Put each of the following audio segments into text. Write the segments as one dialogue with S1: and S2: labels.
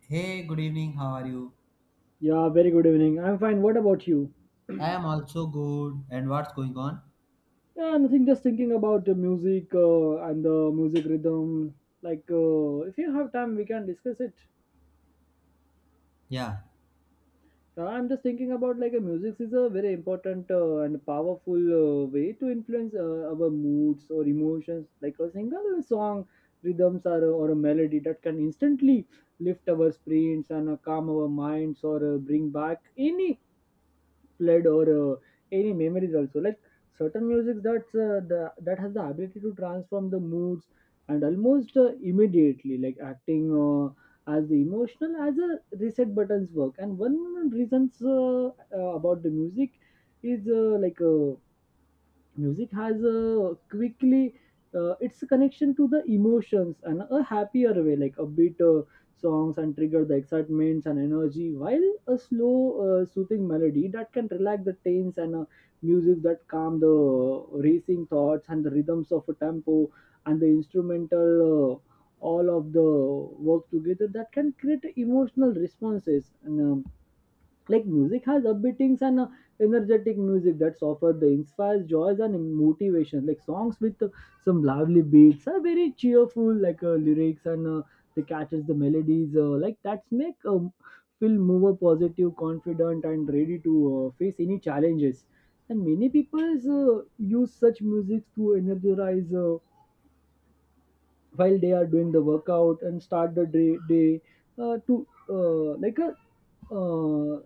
S1: Hey, good evening. How are you?
S2: Yeah, very good evening. I'm fine. What about you?
S1: I am also good. And what's going on?
S2: Yeah, nothing. Just thinking about the music and the music rhythm. If you have time, we can discuss it.
S1: Yeah,
S2: I'm just thinking about like a music is a very important and powerful way to influence our moods or emotions. Like a single song, rhythms or a melody that can instantly lift our spirits and calm our minds or bring back any flood or uh, any memories also like certain music that's that has the ability to transform the moods and almost immediately like acting as the emotional as a reset buttons work and one reasons about the music is music has a quickly it's a connection to the emotions and a happier way like a beat songs and trigger the excitements and energy while a slow soothing melody that can relax the tense and music that calm the racing thoughts and the rhythms of a tempo and the instrumental all of the work together that can create emotional responses and like music has upbeatings and energetic music that's offered the inspires joys and motivation. Like songs with some lively beats are very cheerful, like lyrics and they catches the melodies. Like that's make feel more positive, confident, and ready to face any challenges. And many people use such music to energize while they are doing the workout and start the day to like a uh,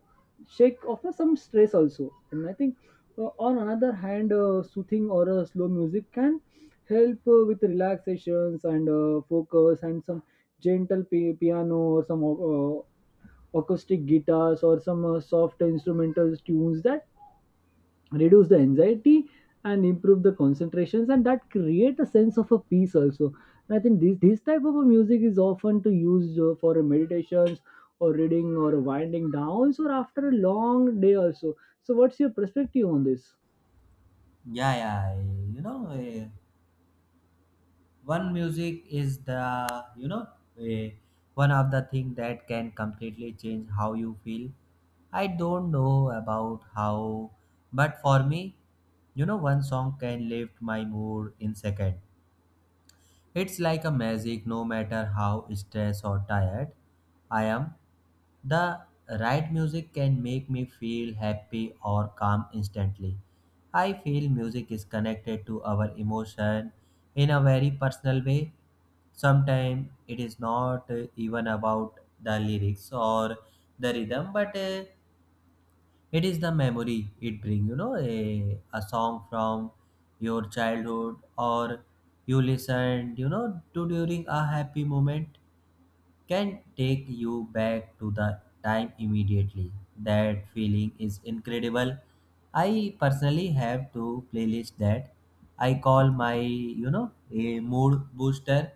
S2: shake offer some stress also. And I think on another hand soothing or slow music can help with relaxations and focus and some gentle piano or some uh, acoustic guitars or some soft instrumental tunes that reduce the anxiety and improve the concentrations and that create a sense of a peace also. And I think this type of a music is often to use for a meditations or reading or winding downs or after a long day also. So what's your perspective on this?
S1: yeah. one music is the you know eh, one of the thing that can completely change how you feel. I don't know about how, but for me, you know, one song can lift my mood in second. It's like a magic, no matter how stressed or tired I am. The right music can make me feel happy or calm instantly. I feel music is connected to our emotion in a very personal way. Sometimes it is not even about the lyrics or the rhythm, but it is the memory it brings, you know, a song from your childhood or you listened, you know, to during a happy moment can take you back to the time immediately. That feeling is incredible. I personally have two playlists that I call my, you know, a mood booster.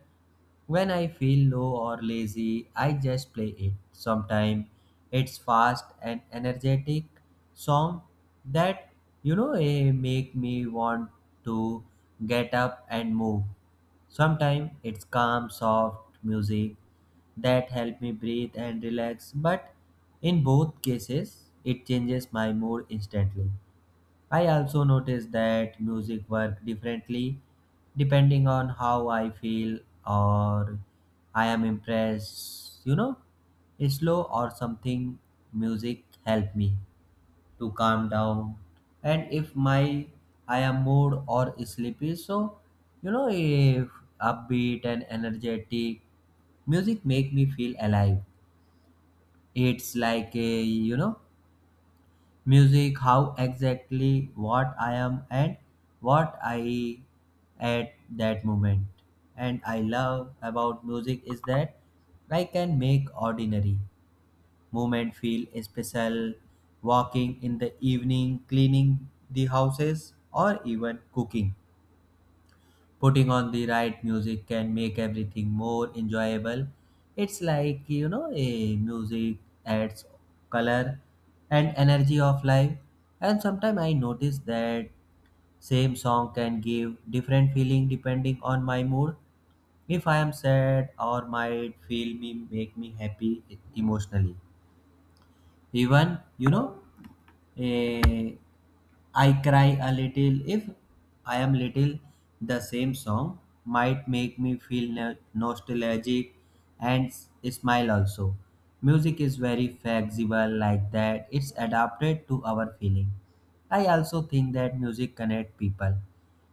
S1: When I feel low or lazy, I just play it. Sometimes it's fast and energetic song that, you know, it make me want to get up and move. Sometimes it's calm soft music that help me breathe and relax, but in both cases it changes my mood instantly. I also notice that music work differently depending on how I feel, or I am impressed, you know, slow or something music help me to calm down. And if my I am mood or sleepy, so you know, if upbeat and energetic music make me feel alive, it's like a, you know, music how exactly what I am and what I at that moment. And I love about music is that I can make ordinary moment feel special. Walking in the evening, cleaning the houses, or even cooking, putting on the right music can make everything more enjoyable. It's like, you know, a music adds color and energy of life. And sometimes I notice that same song can give different feeling depending on my mood. If I am sad, or might feel me make me happy emotionally, even, eh, I cry a little if I am little. The same song might make me feel nostalgic and smile also. Music is very flexible like that. It's adapted to our feeling. I also think that music connect people.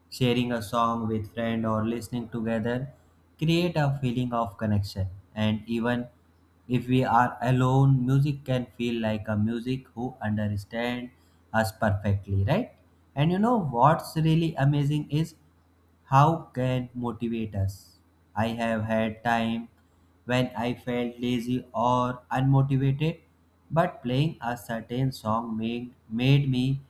S1: Sharing a song with friend or listening together create a feeling of connection. And even if we are alone, music can feel like a music who understand us perfectly, right? And you know what's really amazing is how can motivate us? I have had time when I felt lazy or unmotivated, but playing a certain song made me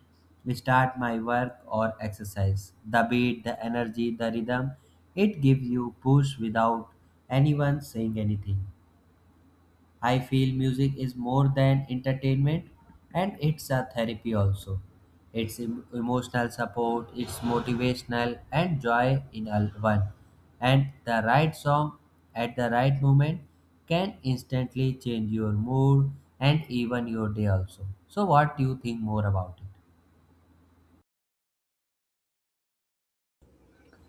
S1: start my work or exercise. The beat, the energy, the rhythm, it gives you push without anyone saying anything. I feel music is more than entertainment and it's a therapy also. It's emotional support, it's motivational and joy in all one. And the right song at the right moment can instantly change your mood and even your day also. So what do you think more about it?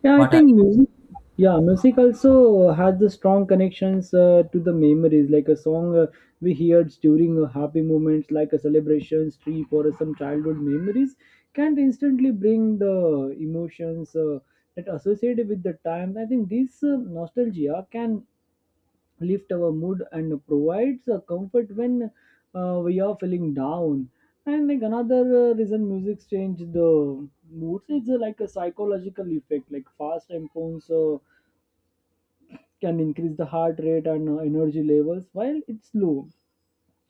S2: Yeah, I
S1: What are
S2: think music. Yeah, music also has the strong connections to the memories. Like a song we heard during happy moments, like a celebration, trip, or some childhood memories, can instantly bring the emotions that associated with the time. I think this nostalgia can lift our mood and provides a comfort when we are feeling down. And like another reason music change the moods is like a psychological effect like fast tempos can increase the heart rate and energy levels while it's low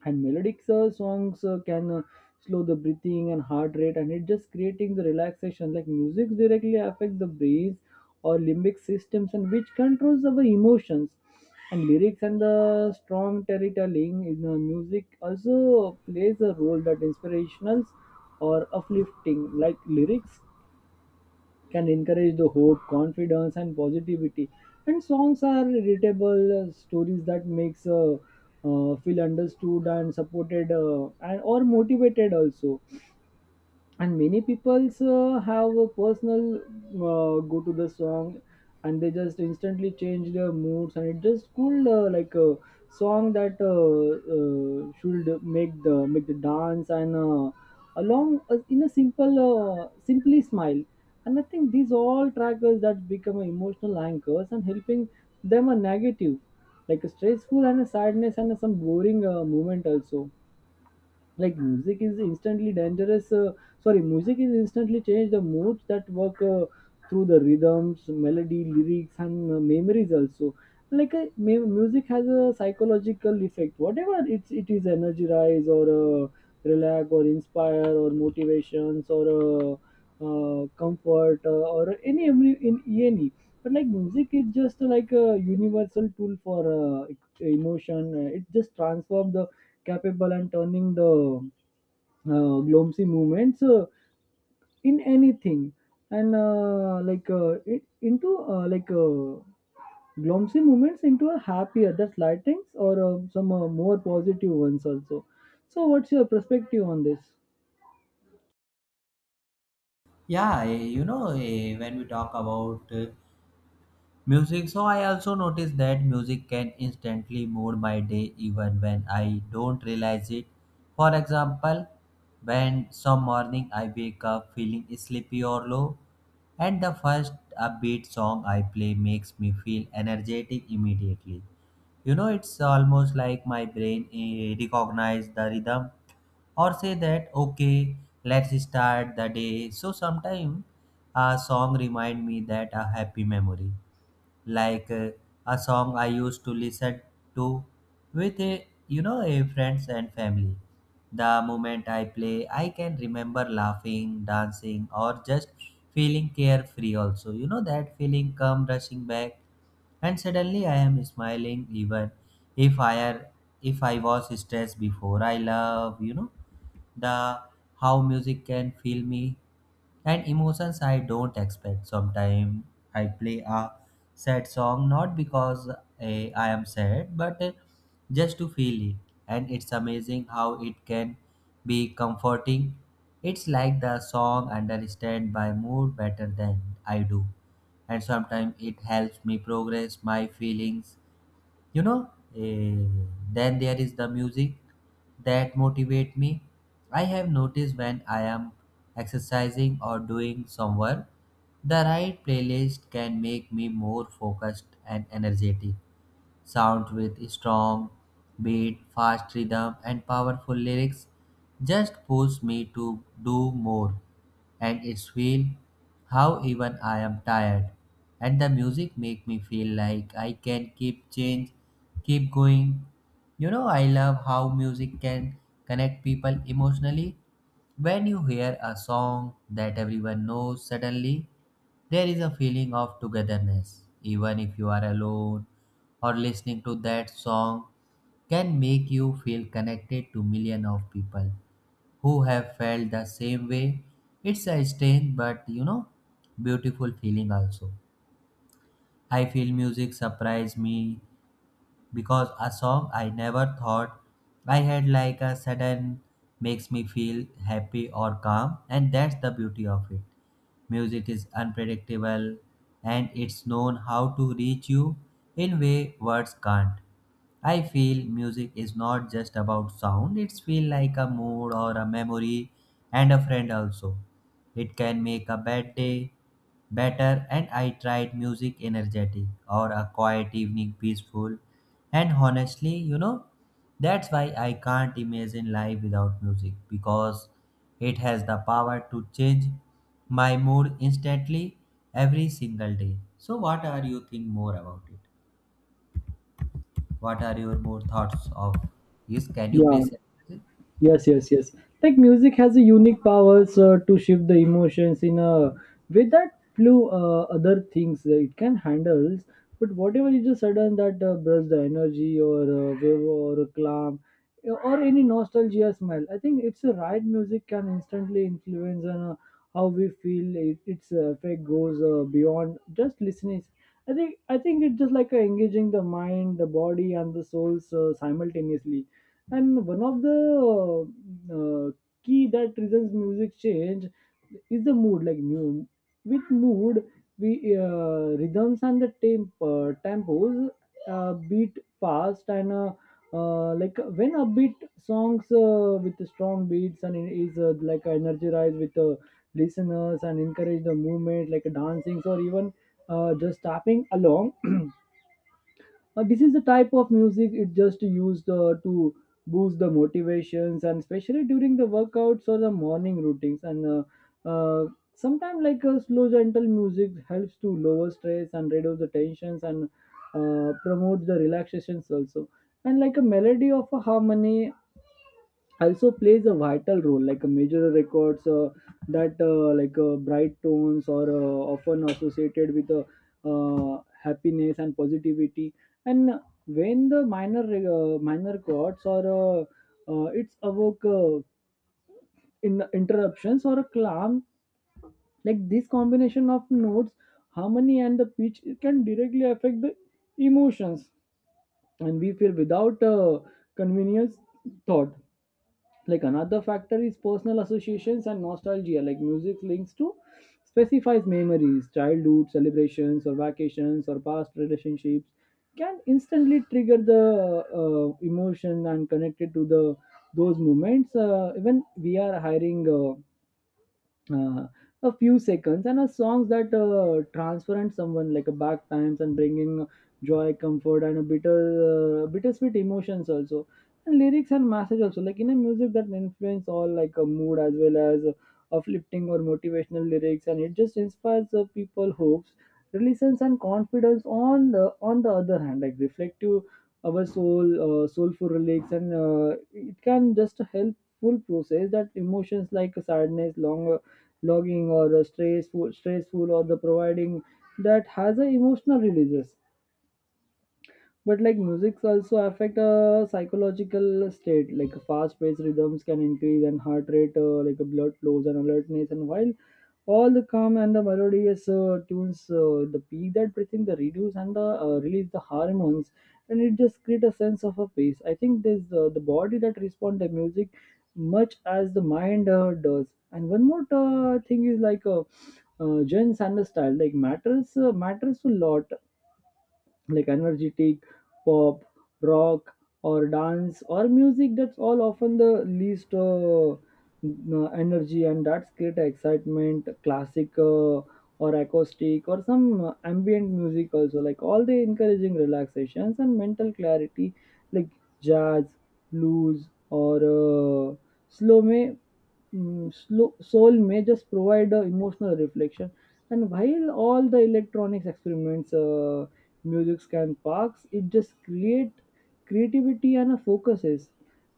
S2: and melodic songs can slow the breathing and heart rate and it just creating the relaxation like music directly affect the brain or limbic systems and which controls our emotions. And lyrics and the strong storytelling in the music also plays a role that inspirational or uplifting like lyrics can encourage the hope, confidence, and positivity. And songs are readable stories that makes feel understood and supported and or motivated also. And many peoples have a personal go to the song and they just instantly change their moods, and it just cool like a song that should make the dance and along in a simple simply smile. And I think these all trackers that become emotional anchors and helping them a negative like a stressful and a sadness and some boring moment also. Like music is instantly dangerous, sorry, music is instantly change the moods that work through the rhythms melody lyrics and memories also. Like music has a psychological effect whatever it is energy rise or relax or inspire or motivations or comfort or any every in any, but like music is just like a universal tool for emotion. It just transforms the capable and turning the Glomsi movements in anything, and it into Glomsi movements into a happier that's lightings or some more positive ones also. So what's your perspective on this?
S1: Yeah, when we talk about music. So I also noticed that music can instantly mood my day even when I don't realize it. For example, when some morning I wake up feeling sleepy or low, and the first upbeat song I play makes me feel energetic immediately. You know, it's almost like my brain recognize the rhythm, or say that okay, let's start the day. So sometimes a song remind me that a happy memory, like a song I used to listen to with a, you know, a friends and family. The moment I play, I can remember laughing, dancing, or just feeling carefree. Also, you know, that feeling come rushing back, and suddenly I am smiling even if I are if I was stressed before. I love, you know, the how music can feel me and emotions I don't expect. Sometimes I play a sad song not because I am sad, but just to feel it. And it's amazing how it can be comforting. It's like the song understand my mood better than I do, and sometimes it helps me progress my feelings, you know eh, then there is the music that motivate me. I have noticed when I am exercising or doing some work, the right playlist can make me more focused and energetic. Sound with strong beat, fast rhythm, and powerful lyrics just pushed me to do more. And it's feel how even I am tired. And the music make me feel like I can keep going. You know, I love how music can connect people emotionally. When you hear a song that everyone knows suddenly, there is a feeling of togetherness. Even if you are alone or listening to that song can make you feel connected to millions of people who have felt the same way. It's a strange but, you know, beautiful feeling also. I feel music surprise me because a song I never thought I had like a sudden makes me feel happy or calm, and that's the beauty of it. Music is unpredictable and it's known how to reach you in way words can't. I feel music is not just about sound, it's feel like a mood or a memory and a friend also. It can make a bad day better, and I tried music energetic or a quiet evening peaceful. And honestly, you know, that's why I can't imagine life without music because it has the power to change my mood instantly every single day. So what are you think more about it? What are your more thoughts of? Yes, can you
S2: Yeah,
S1: please elaborate?
S2: yes, yes, yes. Like music has a unique powers to shift the emotions in a way that few other things that it can handle. But whatever is a sudden that bursts the energy or wave or a clam or any nostalgia smell, I think it's a right music can instantly influence on how we feel. It, its effect goes beyond just listening. I think it's just like engaging the mind, the body, and the souls simultaneously. And one of the uh, uh, key that reasons music change is the mood like with mood we rhythms and the tempos beat fast and like when upbeat songs with strong beats and it is like energized with listeners and encourage the movement like dancing or even just tapping along. This is the type of music it just used to boost the motivations and especially during the workouts or the morning routines, and uh, uh, sometimes like slow gentle music helps to lower stress and reduce the tensions and promote the relaxations also. And like a melody of a harmony also plays a vital role like a major records that bright tones or often associated with happiness and positivity, and when the minor minor chords or it's evoke in interruptions or a clam. Like this combination of notes harmony and the pitch it can directly affect the emotions and we feel without convenience thought. Like another factor is personal associations and nostalgia like music links to specifies memories childhood celebrations or vacations or past relationships can instantly trigger the emotion and connected to the those moments even we are hiring uh, a few seconds and a songs that transparent someone like a back times and bringing joy comfort and a bittersweet emotions also. And lyrics and message also like in a music that influence all like a mood as well as uplifting or motivational lyrics and it just inspires the people hopes religions and confidence on the other hand like reflective our soulful lyrics and it can just help full process that emotions like sadness long logging or the stressful or the providing that has a emotional releases. But like music's also affect a psychological state like fast paced rhythms can increase and heart rate blood flows and alertness, and while all the calm and the melodious tunes the peak that breathing the reduce and the release the hormones and it just create a sense of a peace. I think this the body that respond to music much as the mind does. And one more thing is like gents and the style like matters a lot. Like energetic pop rock or dance or music that's all often the least energy and that's great excitement classic or acoustic or some ambient music also like all the encouraging relaxations and mental clarity, like jazz blues or slow may slow, soul may just provide a emotional reflection, and while all the electronics experiments music can parks it just create creativity and a focuses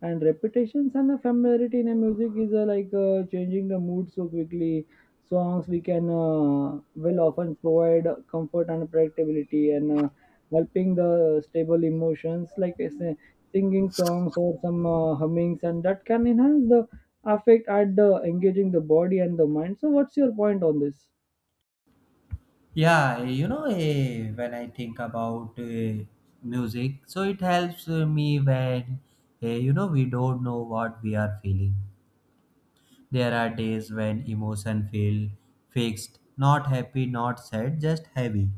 S2: and repetitions and a familiarity in a music is changing the mood so quickly songs we can will often provide comfort and predictability and helping the stable emotions like I say, singing songs or some hummings and that can enhance the affect at the engaging the body and the mind. So what's your point on this?
S1: Yeah, when I think about music, so it helps me when, you know, we don't know what we are feeling. There are days when emotion feel fixed, not happy, not sad, just heavy.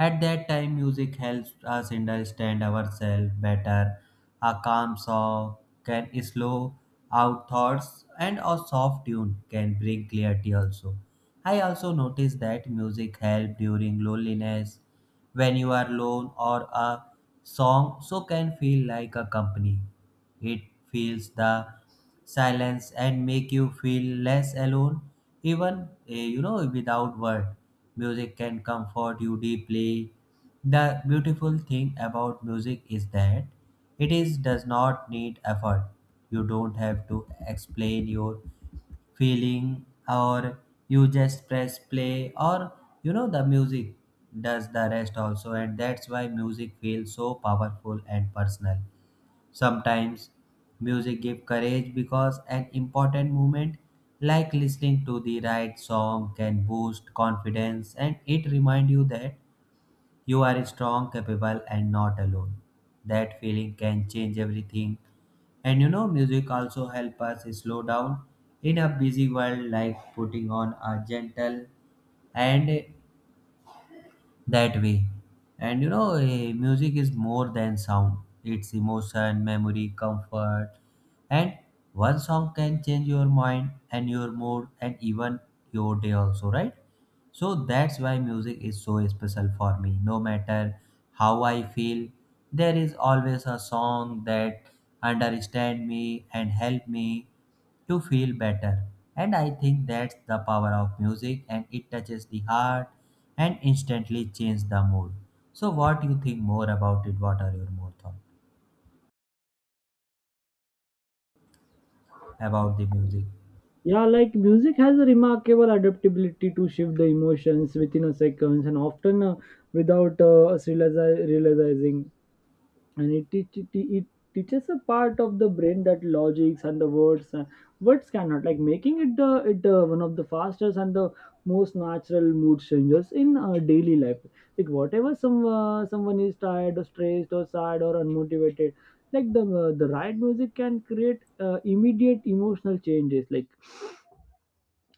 S1: At that time, music helps us understand ourselves better. A calm song can slow out thoughts, and a soft tune can bring clarity also. I also noticed that music helps during loneliness. When you are alone or a song so can feel like a company. It feels the silence and make you feel less alone, even you know, without word, music can comfort you deeply. The beautiful thing about music is that it is does not need effort. You don't have to explain your feeling, or you just press play, or you know the music does the rest also. And that's why music feels so powerful and personal. Sometimes music gives courage because an important moment, like listening to the right song, can boost confidence and it reminds you that you are strong, capable, and not alone. That feeling can change everything. And you know, music also help us slow down in a busy world, like putting on a gentle and that way. And you know, music is more than sound, it's emotion, memory, comfort. And one song can change your mind and your mood and even your day, also, right? So that's why music is so special for me. No matter how I feel, there is always a song that understand me and help me to feel better. And I think that's the power of music, and it touches the heart and instantly changes the mood. So what do you think more about it? What are your more thoughts about the music?
S2: Yeah, like music has a remarkable adaptability to shift the emotions within a seconds and often without us realizing. And it teaches a part of the brain that logics and the words cannot, like making it one of the fastest and the most natural mood changers in daily life. Like whatever some someone is tired or stressed or sad or unmotivated, like the right music can create immediate emotional changes. Like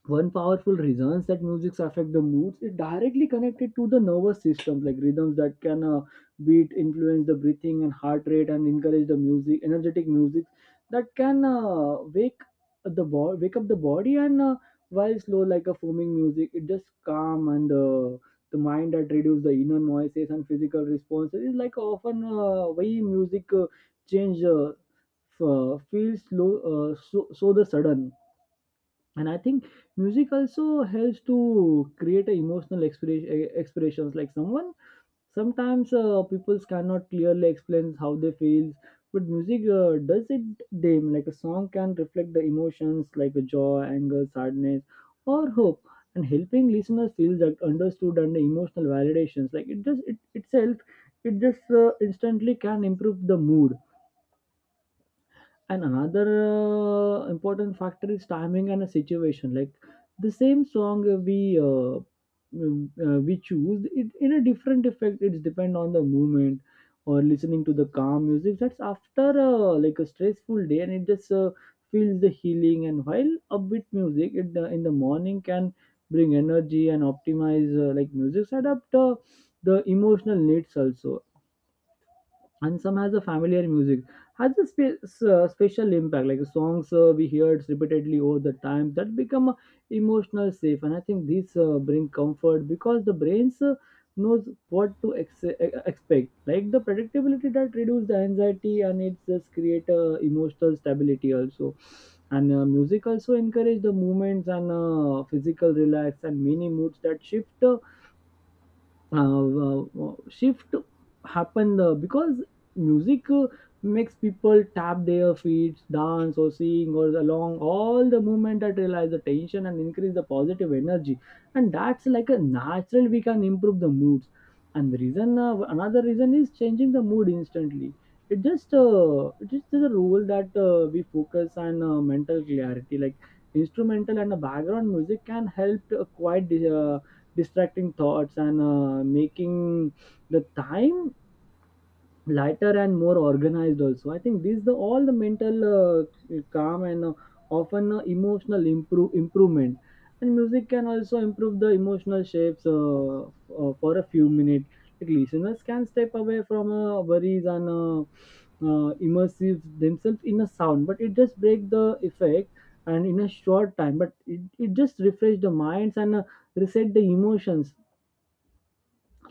S2: one powerful reasons that musics affect the moods is directly connected to the nervous systems, like rhythms that can beat influence the breathing and heart rate and encourage the music energetic music that can wake wake up the body, and while slow like a foaming music, it just calm and the mind that reduce the inner noises and physical responses is like often why music change feels slow so the sudden. And I think music also helps to create a emotional expressions. Like someone sometimes people cannot clearly explain how they feel, but music does it them. Like a song can reflect the emotions like a joy, anger, sadness or hope, and helping listeners feel that understood and the emotional validations, like it itself it just instantly can improve the mood. And another important factor is timing and a situation. Like the same song we we choose, it in a different effect. It's depend on the movement or listening to the calm music. That's after like a stressful day, and it just feels the healing. And while upbeat music, it in the morning can bring energy and optimize like music adapt the emotional needs also. And some has a familiar music has a special impact, like songs we heard repeatedly over the time that become emotional safe. And I think these bring comfort because the brains knows what to expect, like the predictability that reduce the anxiety and it just create emotional stability also. And music also encourage the movements and physical relax and many moods that shift shift happened because music makes people tap their feet, dance or sing or along, all the movement that realize the tension and increase the positive energy. And that's like a natural we can improve the moods. And the reason another reason is changing the mood instantly. It just it is the rule that we focus on mental clarity. Like instrumental and the background music can help to quiet the distracting thoughts and making the time lighter and more organized also. I think these the all the mental calm and often emotional improvement. And music can also improve the emotional shapes for a few minutes, like listeners can step away from worries and immersive themselves in a sound, but it just break the effect and in a short time. But it just refresh the minds and reset the emotions.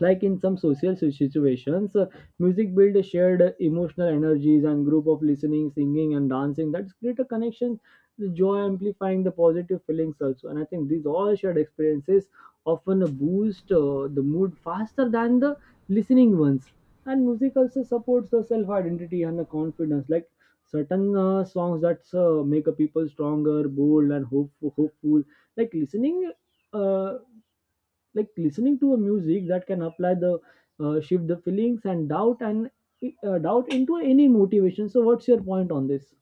S2: Like in some social situations music builds shared emotional energies and group of listening, singing and dancing, that's create a connection, the joy amplifying the positive feelings also. And I think these all shared experiences often boost the mood faster than the listening ones. And music also supports the self identity and the confidence. Like certain songs that make a people stronger, bold and hopeful. Like listening uh, like listening to a music that can apply the shift the feelings and doubt into any motivation. So what's your point on this?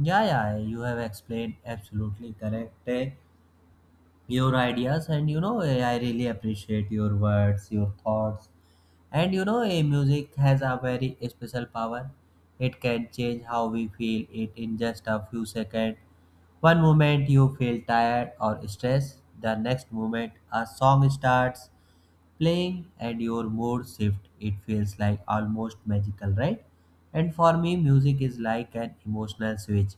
S1: Yeah, yeah, you have explained absolutely correct. Eh. Your ideas, and you know, I really appreciate your words, your thoughts. And you know, a music has a very special power. It can change how we feel it in just a few seconds. One moment you feel tired or stressed, the next moment a song starts playing and your mood shift. It feels like almost magical, right? And for me, music is like an emotional switch.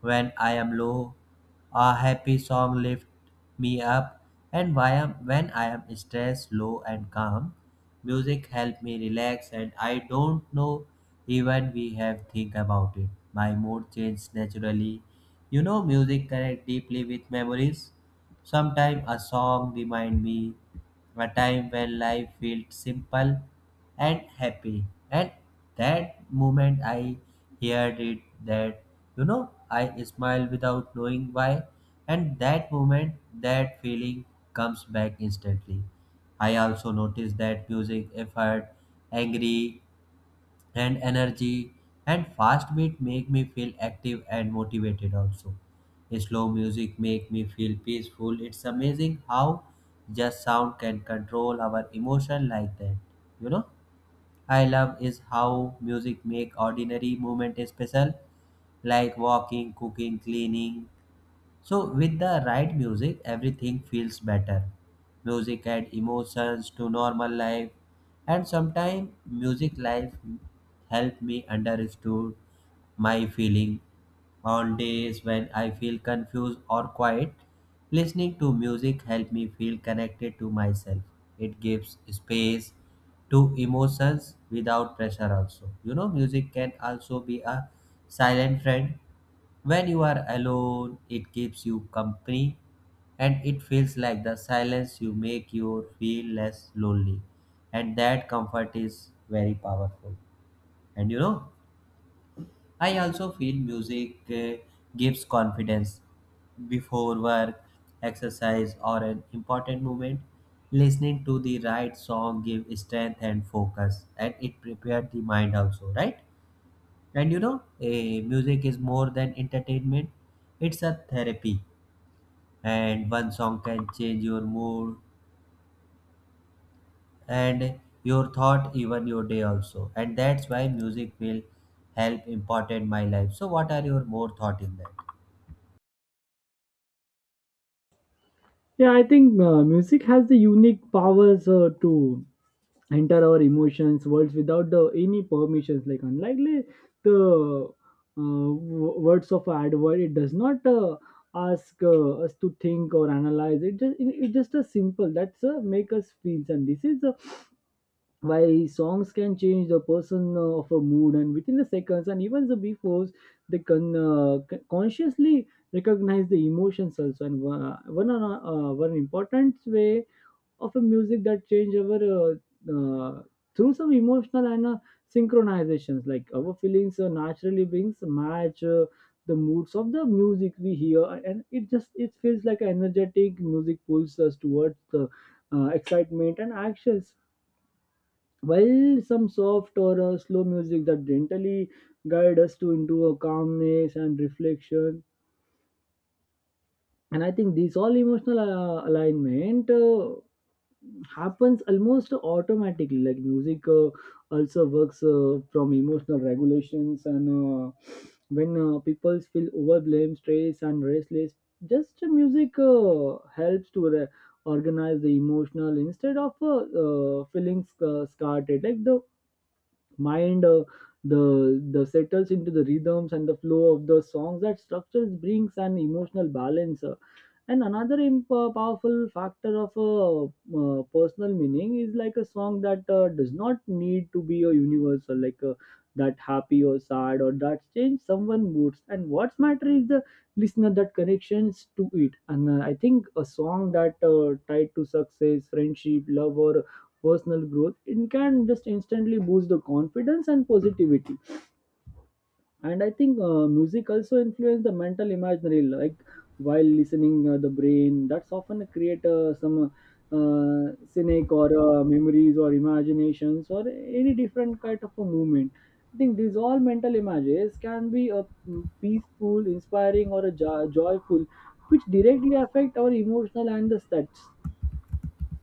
S1: When I am low, a happy song lifts me up, and when I am stressed, low, and calm, music helps me relax, and I don't know even we have think about it. My mood changes naturally. You know, music connect deeply with memories. Sometimes a song reminds me a time when life felt simple and happy. And that moment I heard it that, you know, I smile without knowing why, and that moment, that feeling comes back instantly. I also notice that music if heard angry and energy and fast beat make me feel active and motivated also. Slow music make me feel peaceful. It's amazing how just sound can control our emotion like that, you know. I love is how music make ordinary moment special, like walking, cooking, cleaning. So, with the right music, everything feels better. Music adds emotions to normal life, and sometimes music life help me understood my feeling on days when I feel confused or quiet. Listening to music help me feel connected to myself. It gives space to emotions without pressure also. You know, music can also be a silent friend. When you are alone, it keeps you company, and it feels like the silence you make you feel less lonely. And that comfort is very powerful. And you know, I also feel music gives confidence before work, exercise, or an important moment. Listening to the right song gives strength and focus, and it prepares the mind also, right? And you know, music is more than entertainment, it's a therapy. And one song can change your mood and your thought, even your day also. And that's why music will help important my life. So, what are your more thought in that?
S2: Yeah, I think music has the unique powers to enter our emotions worlds without the any permissions, like unlikely the words of advert. It does not ask us to think or analyze. It just a simple that's make us feel, and this is why songs can change the person of a mood and within the seconds and even the befores they can consciously recognize the emotions also. And one important way of a music that change our uh, through some emotional and synchronizations, like our feelings naturally brings match the moods of the music we hear. And it just it feels like energetic music pulls us towards the excitement and actions, while some soft or slow music that gently guide us to into a calmness and reflection. And I think this all emotional alignment happens almost automatically. Like music also works from emotional regulations, and when people feel overwhelmed, stressed and restless, just music helps to organize the emotional, instead of feeling scattered. Like the mind the settles into the rhythms and the flow of the songs that structures brings an emotional balance. And another powerful factor of a personal meaning is like a song that does not need to be a universal, like that happy or sad or that change someone moods. And what's matter is the listener that connections to it. And I think a song that tied to success, friendship, love, or personal growth, it can just instantly boost the confidence and positivity. And I think music also influence the mental imaginary. Like while listening the brain that's often create some uh, cynic or memories or imaginations or any different kind of a movement. I think these all mental images can be a peaceful, inspiring or a joyful, which directly affect our emotional and the stats.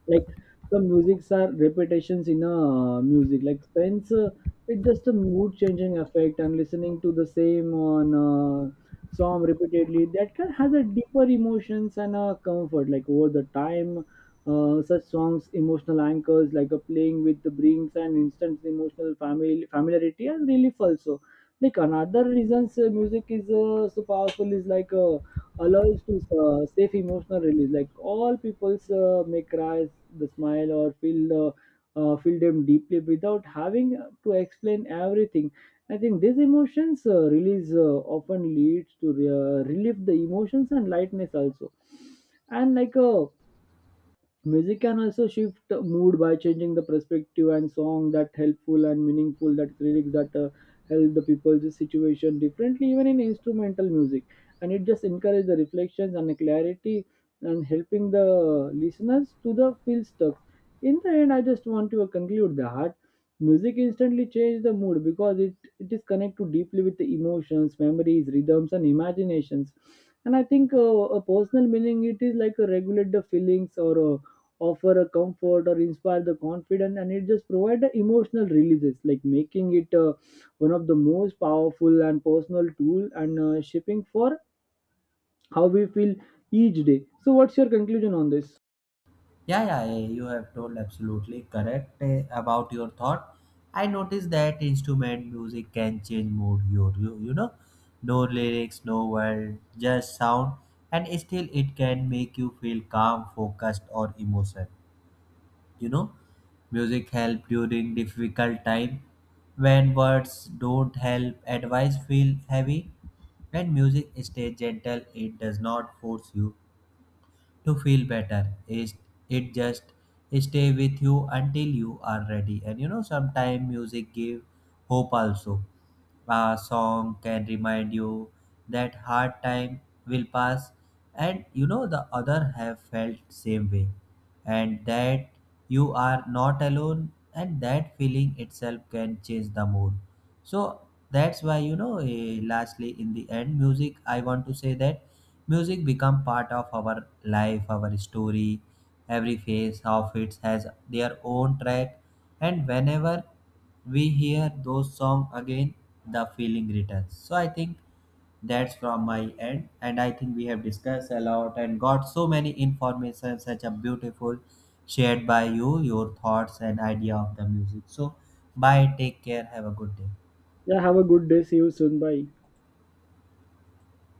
S2: Like some musics are repetitions in a music, like spence it's just a mood changing effect. And listening to the same on song repeatedly that can has a deeper emotions and a comfort like over the time. Such songs emotional anchors, like a playing with the brings and instant emotional family familiarity and relief also. Like another reasons music is so powerful is like allows to safe emotional release. Like all people's may cry, the smile or feel the feel them deeply without having to explain everything. I think these emotions release often leads to relieve the emotions and lightness also. And like music can also shift mood by changing the perspective, and song that helpful and meaningful that lyrics that help the people's situation differently, even in instrumental music. And it just encourages the reflections and the clarity and helping the listeners to the feel stuck. In the end, I just want to conclude that music instantly changes the mood because it is connected deeply with the emotions, memories, rhythms and imaginations. And I think a personal meaning it is like a regulate the feelings or offer a comfort or inspire the confidence, and it just provide the emotional releases, like making it one of the most powerful and personal tool and shaping for how we feel each day. So what's your conclusion on this?
S1: Yeah, yeah, yeah, you have told absolutely correct about your thought. I noticed that instrument music can change mood, you know, no lyrics, no word, just sound, and still it can make you feel calm, focused, or emotion. You know, music help during difficult time when words don't help, advice feel heavy. When music stays gentle, it does not force you to feel better. It just stay with you until you are ready. And you know, sometimes music give hope also. A song can remind you that hard time will pass and you know the other have felt same way and that you are not alone, and that feeling itself can change the mood. So that's why, you know, lastly in the end music I want to say that music become part of our life, our story. Every phase of it has their own track, and whenever we hear those songs again, the feeling returns. So I think that's from my end, and I think we have discussed a lot and got so many information such a beautiful shared by you, your thoughts and idea of the music. So bye, take care, have a good day.
S2: Yeah, have a good day, see you soon, bye.